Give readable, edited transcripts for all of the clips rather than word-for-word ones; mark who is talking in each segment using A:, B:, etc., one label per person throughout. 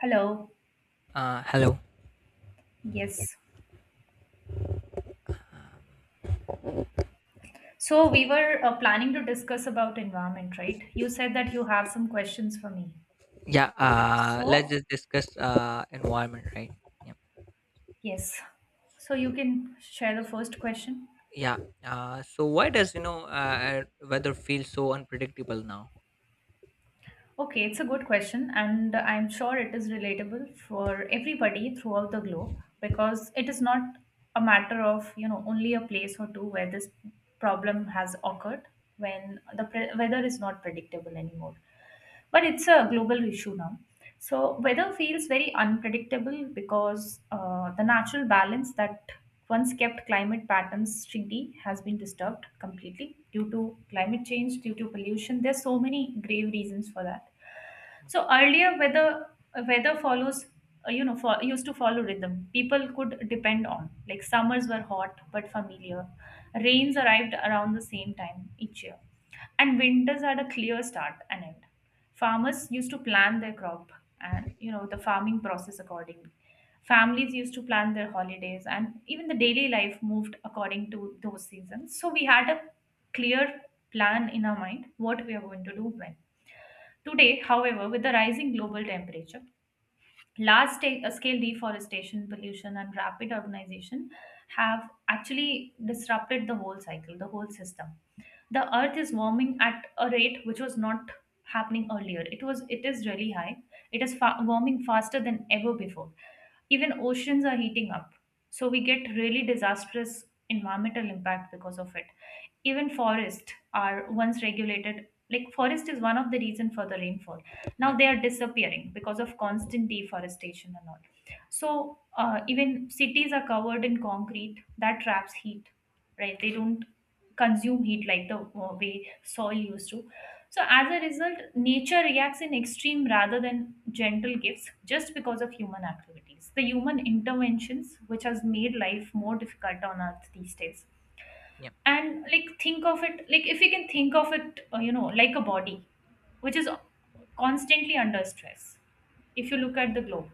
A: Hello.
B: Hello.
A: Yes. So we were planning to discuss about environment, right? You said that you have some questions for me.
B: Yeah. Let's
A: So,
B: just discuss environment, right? Yeah.
A: yes. So you can share the first question.
B: Yeah. So why does weather feel so unpredictable now?
A: Okay, it's a good question, and I'm sure it is relatable for everybody throughout the globe because it is not a matter of, you know, only a place or two where this problem has occurred when the weather is not predictable anymore. But it's a global issue now. So weather feels very unpredictable because the natural balance that once kept climate patterns steady has been disturbed completely due to climate change, due to pollution. There's so many grave reasons for that. So earlier, weather follows you know fo- used to follow rhythm. People could depend on, like, summers were hot but familiar. Rains
B: Mhm.
A: arrived around the same time each year, and winters had a clear start and end. Farmers used to plan their crop and, you know, the farming process accordingly. Families used to plan their holidays, and even the daily life moved according to those seasons, so we had a clear plan in our mind what we are going to do when. Today, however, with the rising global temperature, large scale deforestation, pollution, and rapid urbanization have actually disrupted the whole cycle, the whole system. The earth is warming at a rate which was not happening earlier. It is really high. It is warming faster than ever before. Even oceans are heating up. So we get really disastrous environmental impact because of it. Even forests are once regulated. Like, forest is one of the reason for the rainfall.
B: Yeah.
A: Now they are disappearing because of constant deforestation and all. So even cities are covered in concrete that traps heat, right? They don't consume heat like the way soil used to. So as a result, nature reacts in extreme rather than gentle gifts, just because of human activities, the human interventions, which has made life more difficult on earth these days.
B: Yeah.
A: And, like, think of it, like, if you can think of it, like a body which is constantly under stress. If you look at the globe,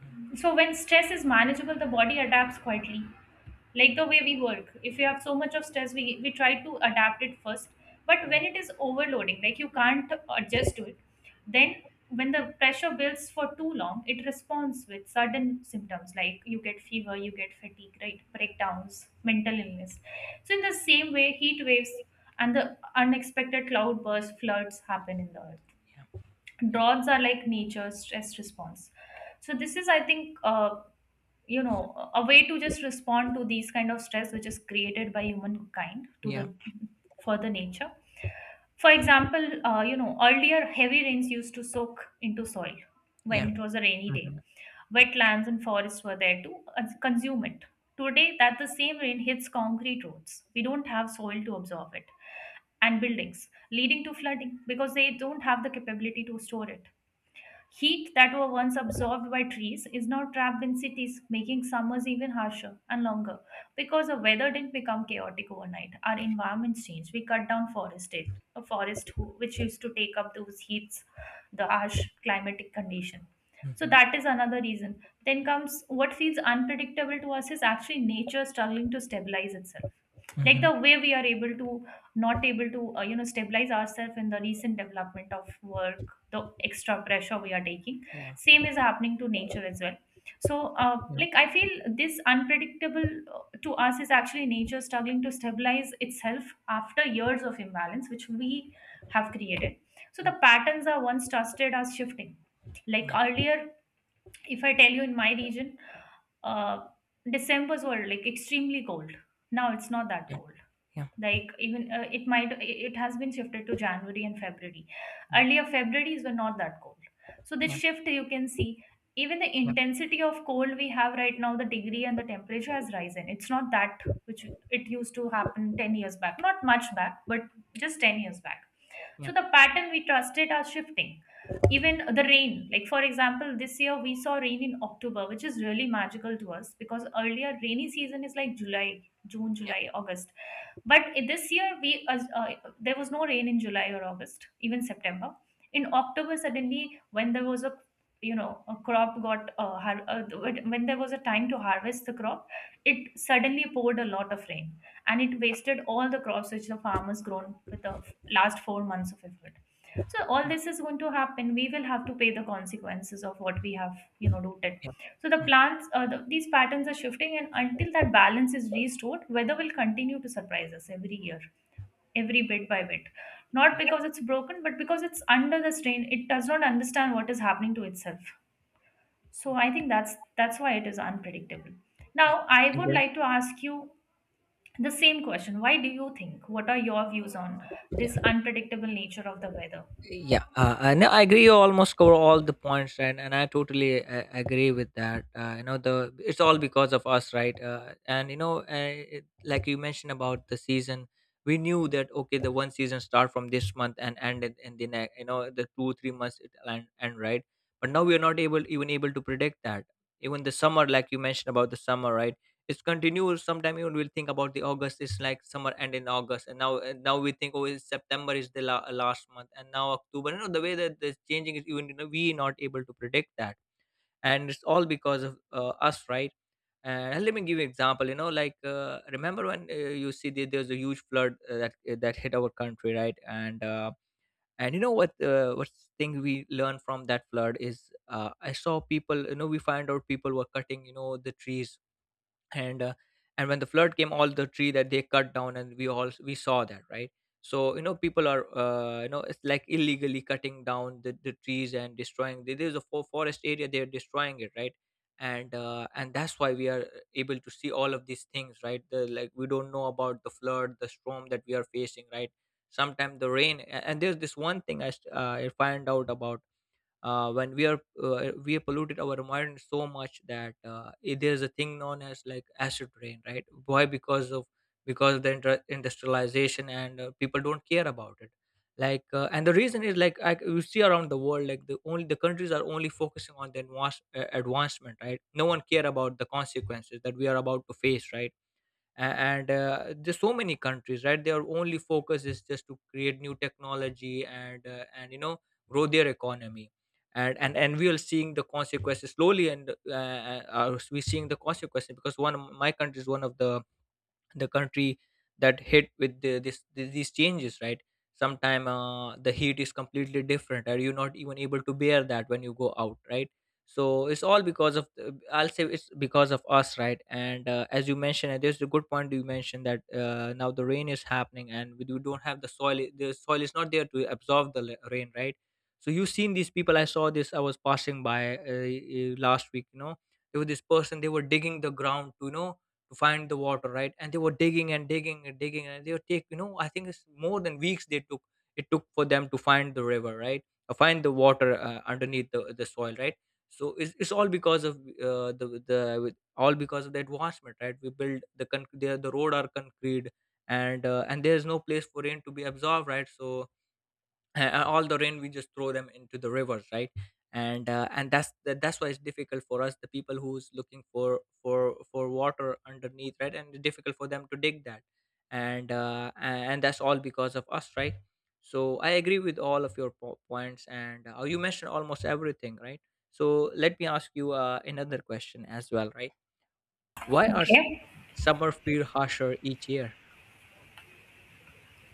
B: Mhm.
A: so when stress is manageable, the body adapts quietly, like the way we work. If you have so much of stress, we try to adapt it first. But when it is overloading, like, you can't adjust to it. Then when the pressure builds for too long, it responds with sudden symptoms, like you get fever, you get fatigue, right, breakdowns, mental illness. So in the same way, heat waves and the unexpected cloud bursts, floods happen in the earth.
B: Yeah. Yeah.
A: Droughts are like nature's stress response. So this is, I think, a way to just respond to these kind of stress which is created by humankind to the,
B: Yeah.
A: for the nature. For example, earlier heavy rains used to soak into soil when
B: Yeah.
A: it was a rainy day.
B: Mm-hmm.
A: Wetlands and forests were there to consume it. Today, that the same rain hits concrete roads. We don't have soil to absorb it, and buildings, leading to flooding because they don't have the capability to store it. Heat that were once absorbed by trees is now trapped in cities, making summers even harsher and longer. Because the weather didn't become chaotic overnight, our environments changed. We cut down forested a forest which used to take up those heats, the harsh climatic condition. So
B: Mm-hmm.
A: that is another reason. Then comes what feels unpredictable to us is actually nature struggling to stabilize itself, like
B: Mm-hmm.
A: the way we are able to not able to, stabilize ourselves in the recent development of work, the extra pressure we are taking.
B: Yeah.
A: Same is happening to nature as well. So
B: Yeah.
A: like, I feel this unpredictable, uh, to us is actually nature struggling to stabilize itself after years of imbalance which we have created. So
B: Yeah.
A: the patterns are once trusted are shifting. Like,
B: Yeah.
A: earlier, if I tell you, in my region, uh, Decembers were like extremely cold. Now it's not that
B: Yeah.
A: cold.
B: Yeah.
A: Like, even, it might, it has been shifted to January and February.
B: Yeah.
A: Earlier Februarys were not that cold. So
B: Yeah.
A: this shift you can see. Even the intensity of cold we have right now, the degree and the temperature has risen. It's not that which it used to happen 10 years back, not much back, but just 10 years back.
B: Yeah.
A: So the pattern we trusted are shifting. Even the rain, like, for example, this year we saw rain in October, which is really magical to us because earlier rainy season is like July, June,
B: Yeah.
A: July, August. But in this year we there was no rain in July or August, even September. In October, suddenly when there was a, when there was a time to harvest the crop, it suddenly poured a lot of rain, and it wasted all the crops which the farmers grown with the last 4 months of effort. So all this is going to happen. We will have to pay the consequences of what we have, rooted.
B: Yeah.
A: So
B: Yeah. Mhm.
A: these patterns are shifting, and until that balance is restored, weather will continue to surprise us every year, every bit by bit. Not
B: Yeah.
A: because it's broken, but because it's under the strain. It does not understand what is happening to itself. So I think that's why it is unpredictable. Now
B: Yeah.
A: I would
B: Agree.
A: like to ask you the same question. Why do you think? What are your views on this
B: Yeah.
A: unpredictable nature of the weather?
B: Yeah. And I agree, you almost cover all the points, and I totally agree with that. The, it's all because of us, right? And you know It, like you mentioned about the season, we knew that, okay, the one season start from this month and ended in the next, the 2-3 months, it end, right? But now we are not able, even able to predict that. Even the summer, like you mentioned about the summer, right? It's continuous. Sometime you will think about the August is like summer end in August. And now we think, oh, is September is the last month, and now October. The way that this changing is, even you know we not able to predict that. And it's all because of us, right? And let me give you an example. Like, remember when, you see that there's a huge flood, that hit our country, right? And what, what thing we learn from that flood is, I saw people. We find out people were cutting, the trees. And uh, and when the flood came, all the tree that they cut down, and we all, we saw that, right? So, people are, it's like illegally cutting down the trees and destroying there's a forest area, they're destroying it, right? And that's why we are able to see all of these things, right? The like, we don't know about the flood, the storm that we are facing, right? Sometimes the rain, and there's this one thing I find out about. When we have polluted our environment so much that, there's a thing known as like acid rain, right? Why? Because of, because of the industrialization, and people don't care about it. Like, and the reason is like, you see around the world, like the only the countries are only focusing on the advancement, right? No one care about the consequences that we are about to face, right? a- and There's so many countries, right? Their only focus is just to create new technology, and grow their economy. And we are seeing the consequences slowly, and we're seeing the consequences because one of my country is one of the country that hit with this these changes, right? Sometime, the heat is completely different, or you're not even able to bear that when you go out, right? So it's all because of I'll say it's because of us, right? And as you mentioned, and there's a good point you mentioned that, now the rain is happening, and we don't have the soil, the soil is not there to absorb the rain, right? So you've seen these people. I saw this, I was passing by, last week. There was this person, they were digging the ground to, to find the water, right? And they were digging and digging and digging, and they would take, I think it's more than weeks they took, it took for them to find the river, right? Or find the water, underneath the soil, right? So it's all because of, all because of the advancement, right? We build the road are concrete. And there is no place for rain to be absorbed, right? So, all the rain we just throw them into the rivers, right? And that's why it's difficult for us, the people who's looking for water underneath, right? And it's difficult for them to dig that. And uh, a- and that's all because of us, right? So I agree with all of your points, and you mentioned almost everything, right? So let me ask you another question as well, right? why are s-
A: Okay.
B: summer feel harsher each year?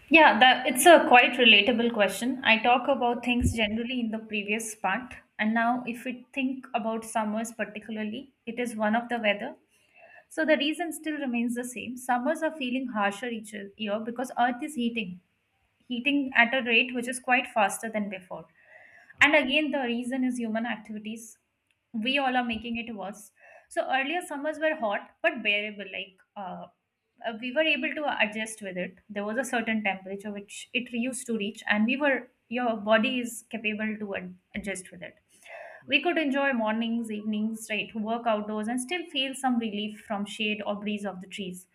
A: Yeah, that it's a quite relatable question. I talk about things generally in the previous part, and now if we think about summers particularly, it is one of the weather. So the reason still remains the same. Summers are feeling harsher each year because Earth is heating at a rate which is quite faster than before. And again, the reason is human activities. We all are making it worse. So earlier summers were hot but bearable, like, we were able to adjust with it. There was a certain temperature which it used to reach, and we were your body is capable to adjust with it.
B: Hmm.
A: We could enjoy mornings, evenings, right, work outdoors, and still feel some relief from shade or breeze of the trees.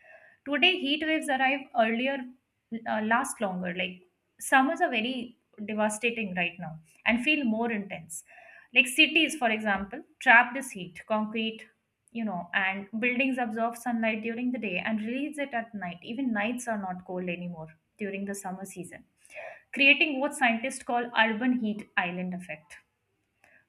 A: Today, heat waves arrive earlier, last longer. Like, summers are very devastating right now and feel more intense. Like, cities, for example, trap this heat. Concrete, and buildings absorb sunlight during the day and release it at night. Even nights are not cold anymore during the summer season, creating what scientists call urban heat island effect.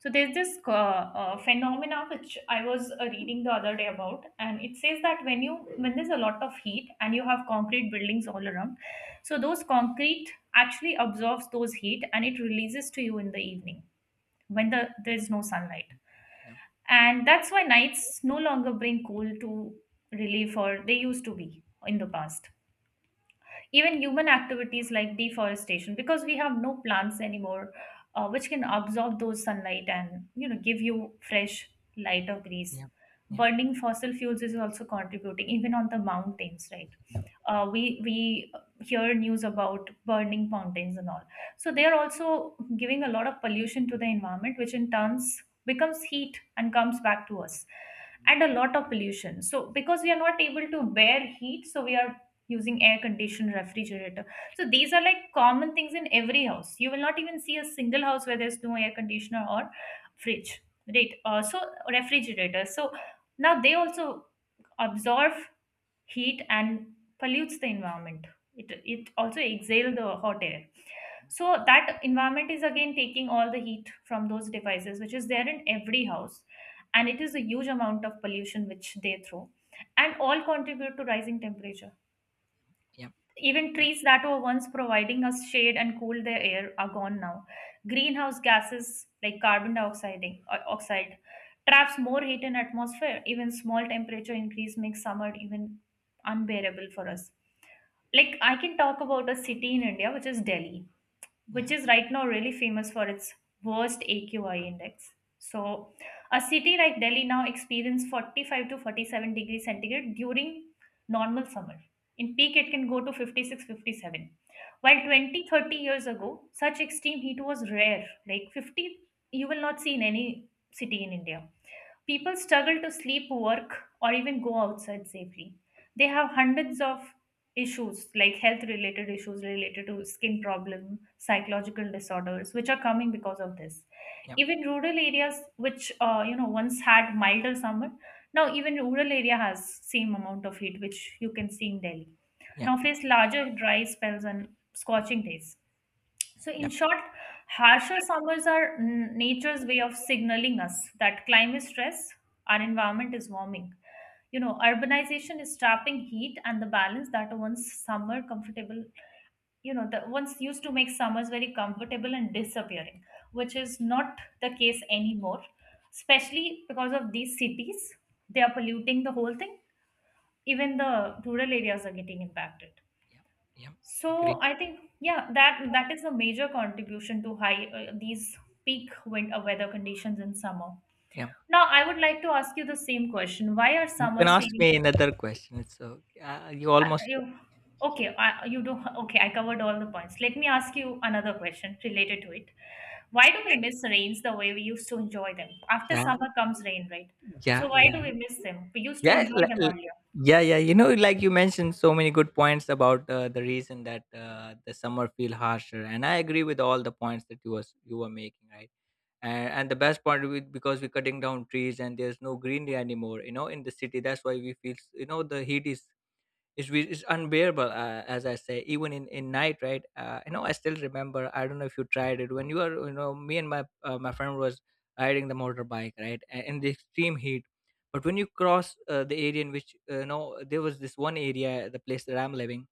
A: So there's this phenomena which I was reading the other day about, and it says that when there's a lot of heat and you have concrete buildings all around, so those concrete actually absorbs those heat and it releases to you in the evening when there's no sunlight.
B: Yeah,
A: And that's why nights no longer bring cool to relief or they used to be in the past. Even human activities like deforestation, because we have no plants anymore, which can absorb those sunlight and, give you fresh light of grease.
B: yeah, yeah,
A: Burning fossil fuels is also contributing, even on the mountains, right? We hear news about burning mountains and all, so they are also giving a lot of pollution to the environment, which in turns becomes heat and comes back to us,
B: yeah,
A: and a lot of pollution. So because we are not able to bear heat, so we are using air conditioned refrigerator. So these are like common things in every house. You will not even see a single house where there's no air conditioner or fridge, right? So refrigerator, so now they also absorb heat and pollutes the environment. It also exhale the hot air. So that environment is again taking all the heat from those devices which is there in every house,
B: yeah,
A: and it is a huge amount of pollution which they throw and all contribute to rising temperature.
B: yeah,
A: Even trees that were once providing us shade and cooled the air are gone now. Greenhouse gases like carbon dioxide, oxide, traps more heat in atmosphere. Even small temperature increase makes summer even unbearable for us. Like, I can talk about a city in India, which is Delhi,
B: yeah.
A: which is right now really famous for its worst AQI index. So a city like Delhi now experiences 45 to 47 degrees centigrade during normal summer. In peak, it can go to 56, 57. While 20, 30 years ago, such extreme heat was rare. Like, 50, you will not see in any city in India. People struggle to sleep, work, or even go outside safely. They have hundreds of issues like health related issues related to skin problem, psychological disorders, which are coming because of this.
B: Yeah,
A: Even rural areas, which once had milder summer, now even rural area has same amount of heat, which you can see in Delhi.
B: yeah,
A: Now face larger dry spells and scorching days. So, in
B: yeah,
A: short, harsher summers are nature's way of signaling us that climate stress, our environment is warming. Urbanization is trapping heat and the balance that once summer comfortable, that once used to make summers very comfortable and disappearing, which is not the case anymore, especially because of these cities. They are polluting the whole thing. Even the rural areas are getting impacted.
B: yeah, yeah. Agree.
A: So I think, yeah, that is a major contribution to high these peak wind weather conditions in summer.
B: Yeah.
A: Now I would like to ask you the same question. Why are
B: You can
A: summers
B: ask
A: feeling?
B: me another question, it's okay. You
A: Uh,
B: almost.
A: you, okay, I, you do. Okay, I covered all the points. Let me ask you another question related to it. Why do we miss rains the way we used to enjoy them? After
B: Yeah,
A: summer comes rain, right? So
B: yeah,
A: why
B: yeah.
A: do we miss them? We used to
B: Yeah,
A: enjoy
B: li
A: them
B: li
A: earlier.
B: yeah, yeah, like you mentioned so many good points about, the reason that, the summer feel harsher, and I agree with all the points that you were making, right? And the best part with, because we're cutting down trees and there's no greenery anymore, in the city, that's why we feel, the heat is, it's unbearable, as I say, even in night, right? I still remember, I don't know if you tried it, when you are, me and my, my friend was riding the motorbike, right? In the extreme heat. But when you cross, the area in which, there was this one area, the place that I'm living,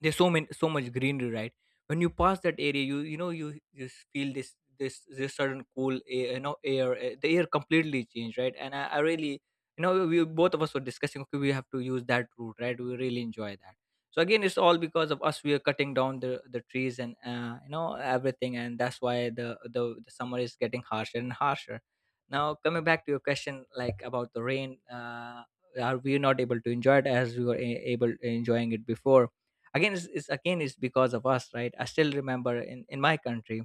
B: there's so much greenery, right? When you pass that area, you just feel this certain cool air, the air completely changed, right? And I really, we both of us were discussing, okay, we have to use that route, right? We really enjoy that. So again, it's all because of us. We are cutting down the trees, and everything, and that's why the summer is getting harsher and harsher. Now coming back to your question, like about the rain, are we not able to enjoy it as we were able enjoying it before? Again, it's because of us, right? I still remember in my country,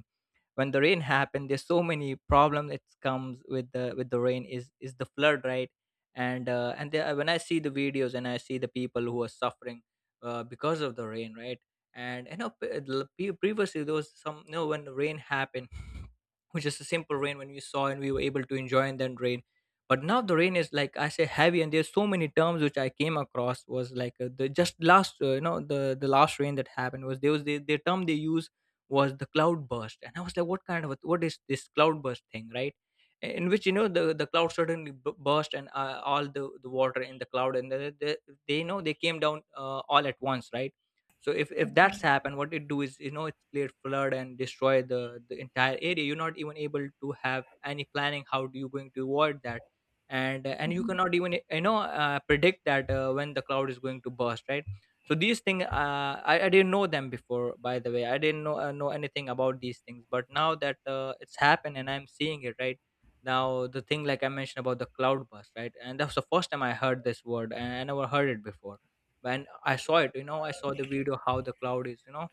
B: when the rain happened, there's so many problems it comes With the rain is the flood, right? And when I see the videos, and I see the people who are suffering, because of the rain, right? And, previously there was some, when the rain happened which is a simple rain, when we saw, and we were able to enjoy, and then rain. But now the rain is, like I say, heavy. And there's so many terms which I came across was like, the just last you know the last rain that happened was, there was the term they use was the cloud burst. And I was like, what kind of what is this cloud burst thing, right? In which, the cloud suddenly burst, and all the water in the cloud, and they, they came down, all at once, right? So if that's
A: Okay.
B: happened, what it do is, it cleared flood and destroy the entire area. You're not even able to have any planning, how do you going to avoid that. And you
A: Mm-hmm.
B: cannot even, predict that, when the cloud is going to burst, right? So these things, I didn't know them before. By the way, I didn't know, anything about these things. But now that, it's happened, and I'm seeing it, right? Now the thing, like I mentioned about the cloud burst, right? And that was the first time I heard this word, and I never heard it before. When I saw it, I saw the video, how the cloud is,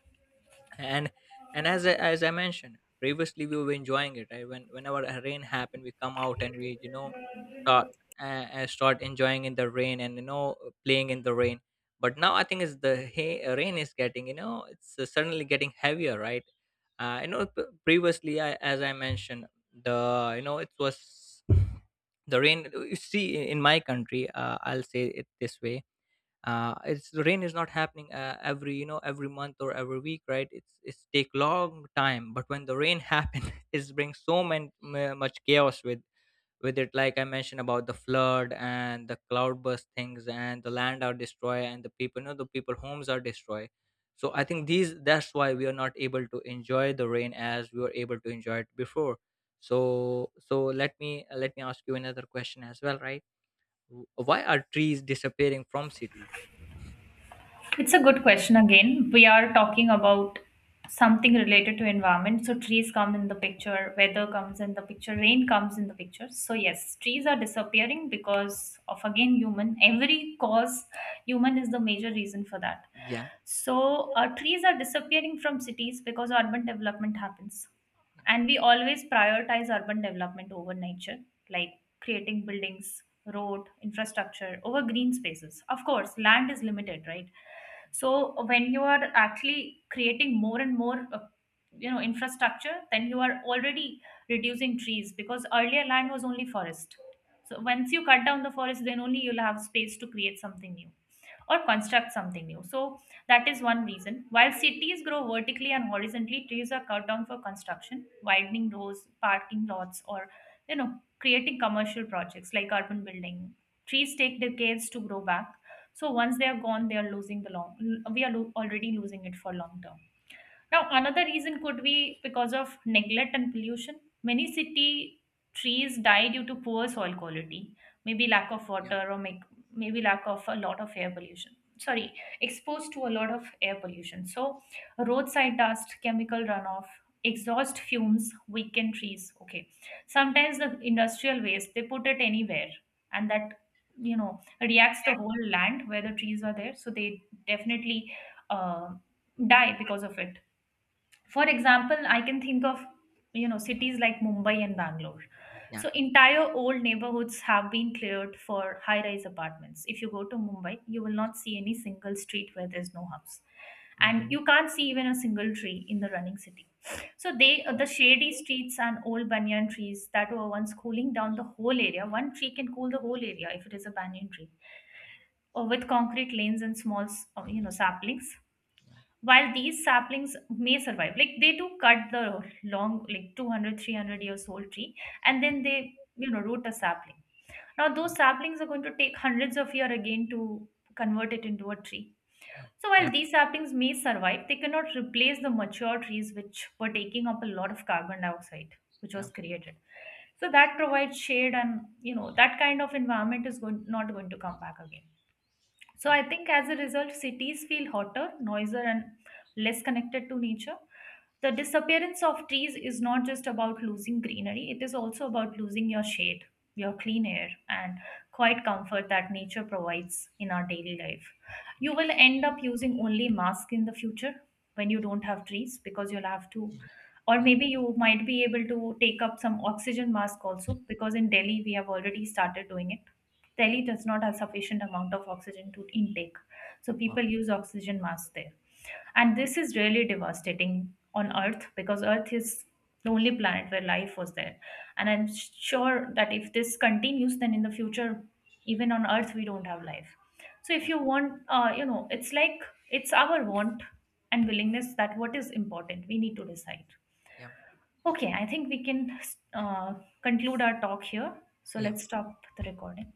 B: and and as I mentioned previously, we were enjoying it. Right? When whenever a rain happened, we come out and we, start, uh, start enjoying in the rain, and, playing in the rain. But now I think it's rain is getting, it's, suddenly getting heavier, right? Previously, as I mentioned, the you know it was the rain. You see, in my country, I'll say it this way. It's The rain is not happening, every, every month or every week, right? It's take long time. But when the rain happen it brings so many much chaos with it, like I mentioned about the flood and the cloudburst things, and the land are destroyed, and the people, the people homes are destroyed. So I think these that's why we are not able to enjoy the rain as we were able to enjoy it before. So let me ask you another question as well, right? Why are trees disappearing from cities?
A: It's a good question again. We are talking about something related to environment. So trees come in the picture, weather comes in the picture, rain comes in the picture. So yes, trees are disappearing because of again human. Every cause human is the major reason for that.
B: Yeah,
A: So trees are disappearing from cities because urban development happens,
B: yeah,
A: and we always prioritize urban development over nature, like creating buildings, road infrastructure over green spaces. Of course, land is limited, right? So when you are actually creating more and more infrastructure, then you are already reducing trees because earlier land was only forest. So once you cut down the forest, then only you'll have space to create something new or construct something new. So that is one reason. While cities grow vertically and horizontally, trees are cut down for construction, widening roads, parking lots, or creating commercial projects like urban building. Trees take decades to grow back. So once they are gone, they are losing the long. We are already losing it for long term. Now, another reason could be because of neglect and pollution. Many city trees die due to poor soil quality, maybe
B: yeah,
A: lack of
B: yeah,
A: water, or maybe lack of a lot of air pollution. Sorry, exposed to a lot of air pollution. So, roadside dust, chemical runoff, exhaust fumes weaken trees. Okay, sometimes the industrial waste they put it anywhere, and that reacts the whole land where the trees are there. So they definitely uh, die because of it. For example, I can think of cities like Mumbai and Bangalore.
B: yeah.
A: So entire old neighborhoods have been cleared for high rise apartments. If you go to Mumbai, you will not see any single street where there's no house, and
B: Mm-hmm.
A: you can't see even a single tree in the running city. So the shady streets and old banyan trees that were once cooling down the whole area, one tree can cool the whole area if it is a banyan tree, or with concrete lanes and small saplings. While these saplings may survive, like they do cut the long like 200, 300 years old tree, and then they root a sapling. Now those saplings are going to take hundreds of years again to convert it into a tree. So
B: Yeah,
A: while
B: yeah,
A: these saplings may survive, they cannot replace the mature trees which were taking up a lot of carbon dioxide which
B: yeah,
A: was created. So that provides shade, and that kind of environment is going, not going to come back again. So
B: yeah,
A: I think, as a result, cities feel hotter, noisier, and less connected to nature. The disappearance of trees is not just about losing greenery, it is also about losing your shade, your clean air, and quiet
B: yeah,
A: comfort that nature provides in our daily life. You will end up using only mask in the future when you don't have trees because you'll have to,
B: yeah,
A: or
B: yeah,
A: maybe you might be able to take up some oxygen mask also, because in Delhi we have already started doing it. Delhi does not have sufficient amount of oxygen to intake. So people use oxygen mask there. And this is really devastating on Earth, because Earth is the only planet where life was there. And I'm sure that if this continues, then in the future, even on Earth, we don't have life. So if
B: yeah,
A: you want, it's like it's our want and willingness that what is important, we need to decide.
B: yeah.
A: Okay, I think we can uh, conclude our talk here. So
B: Yeah.
A: let's stop the recording.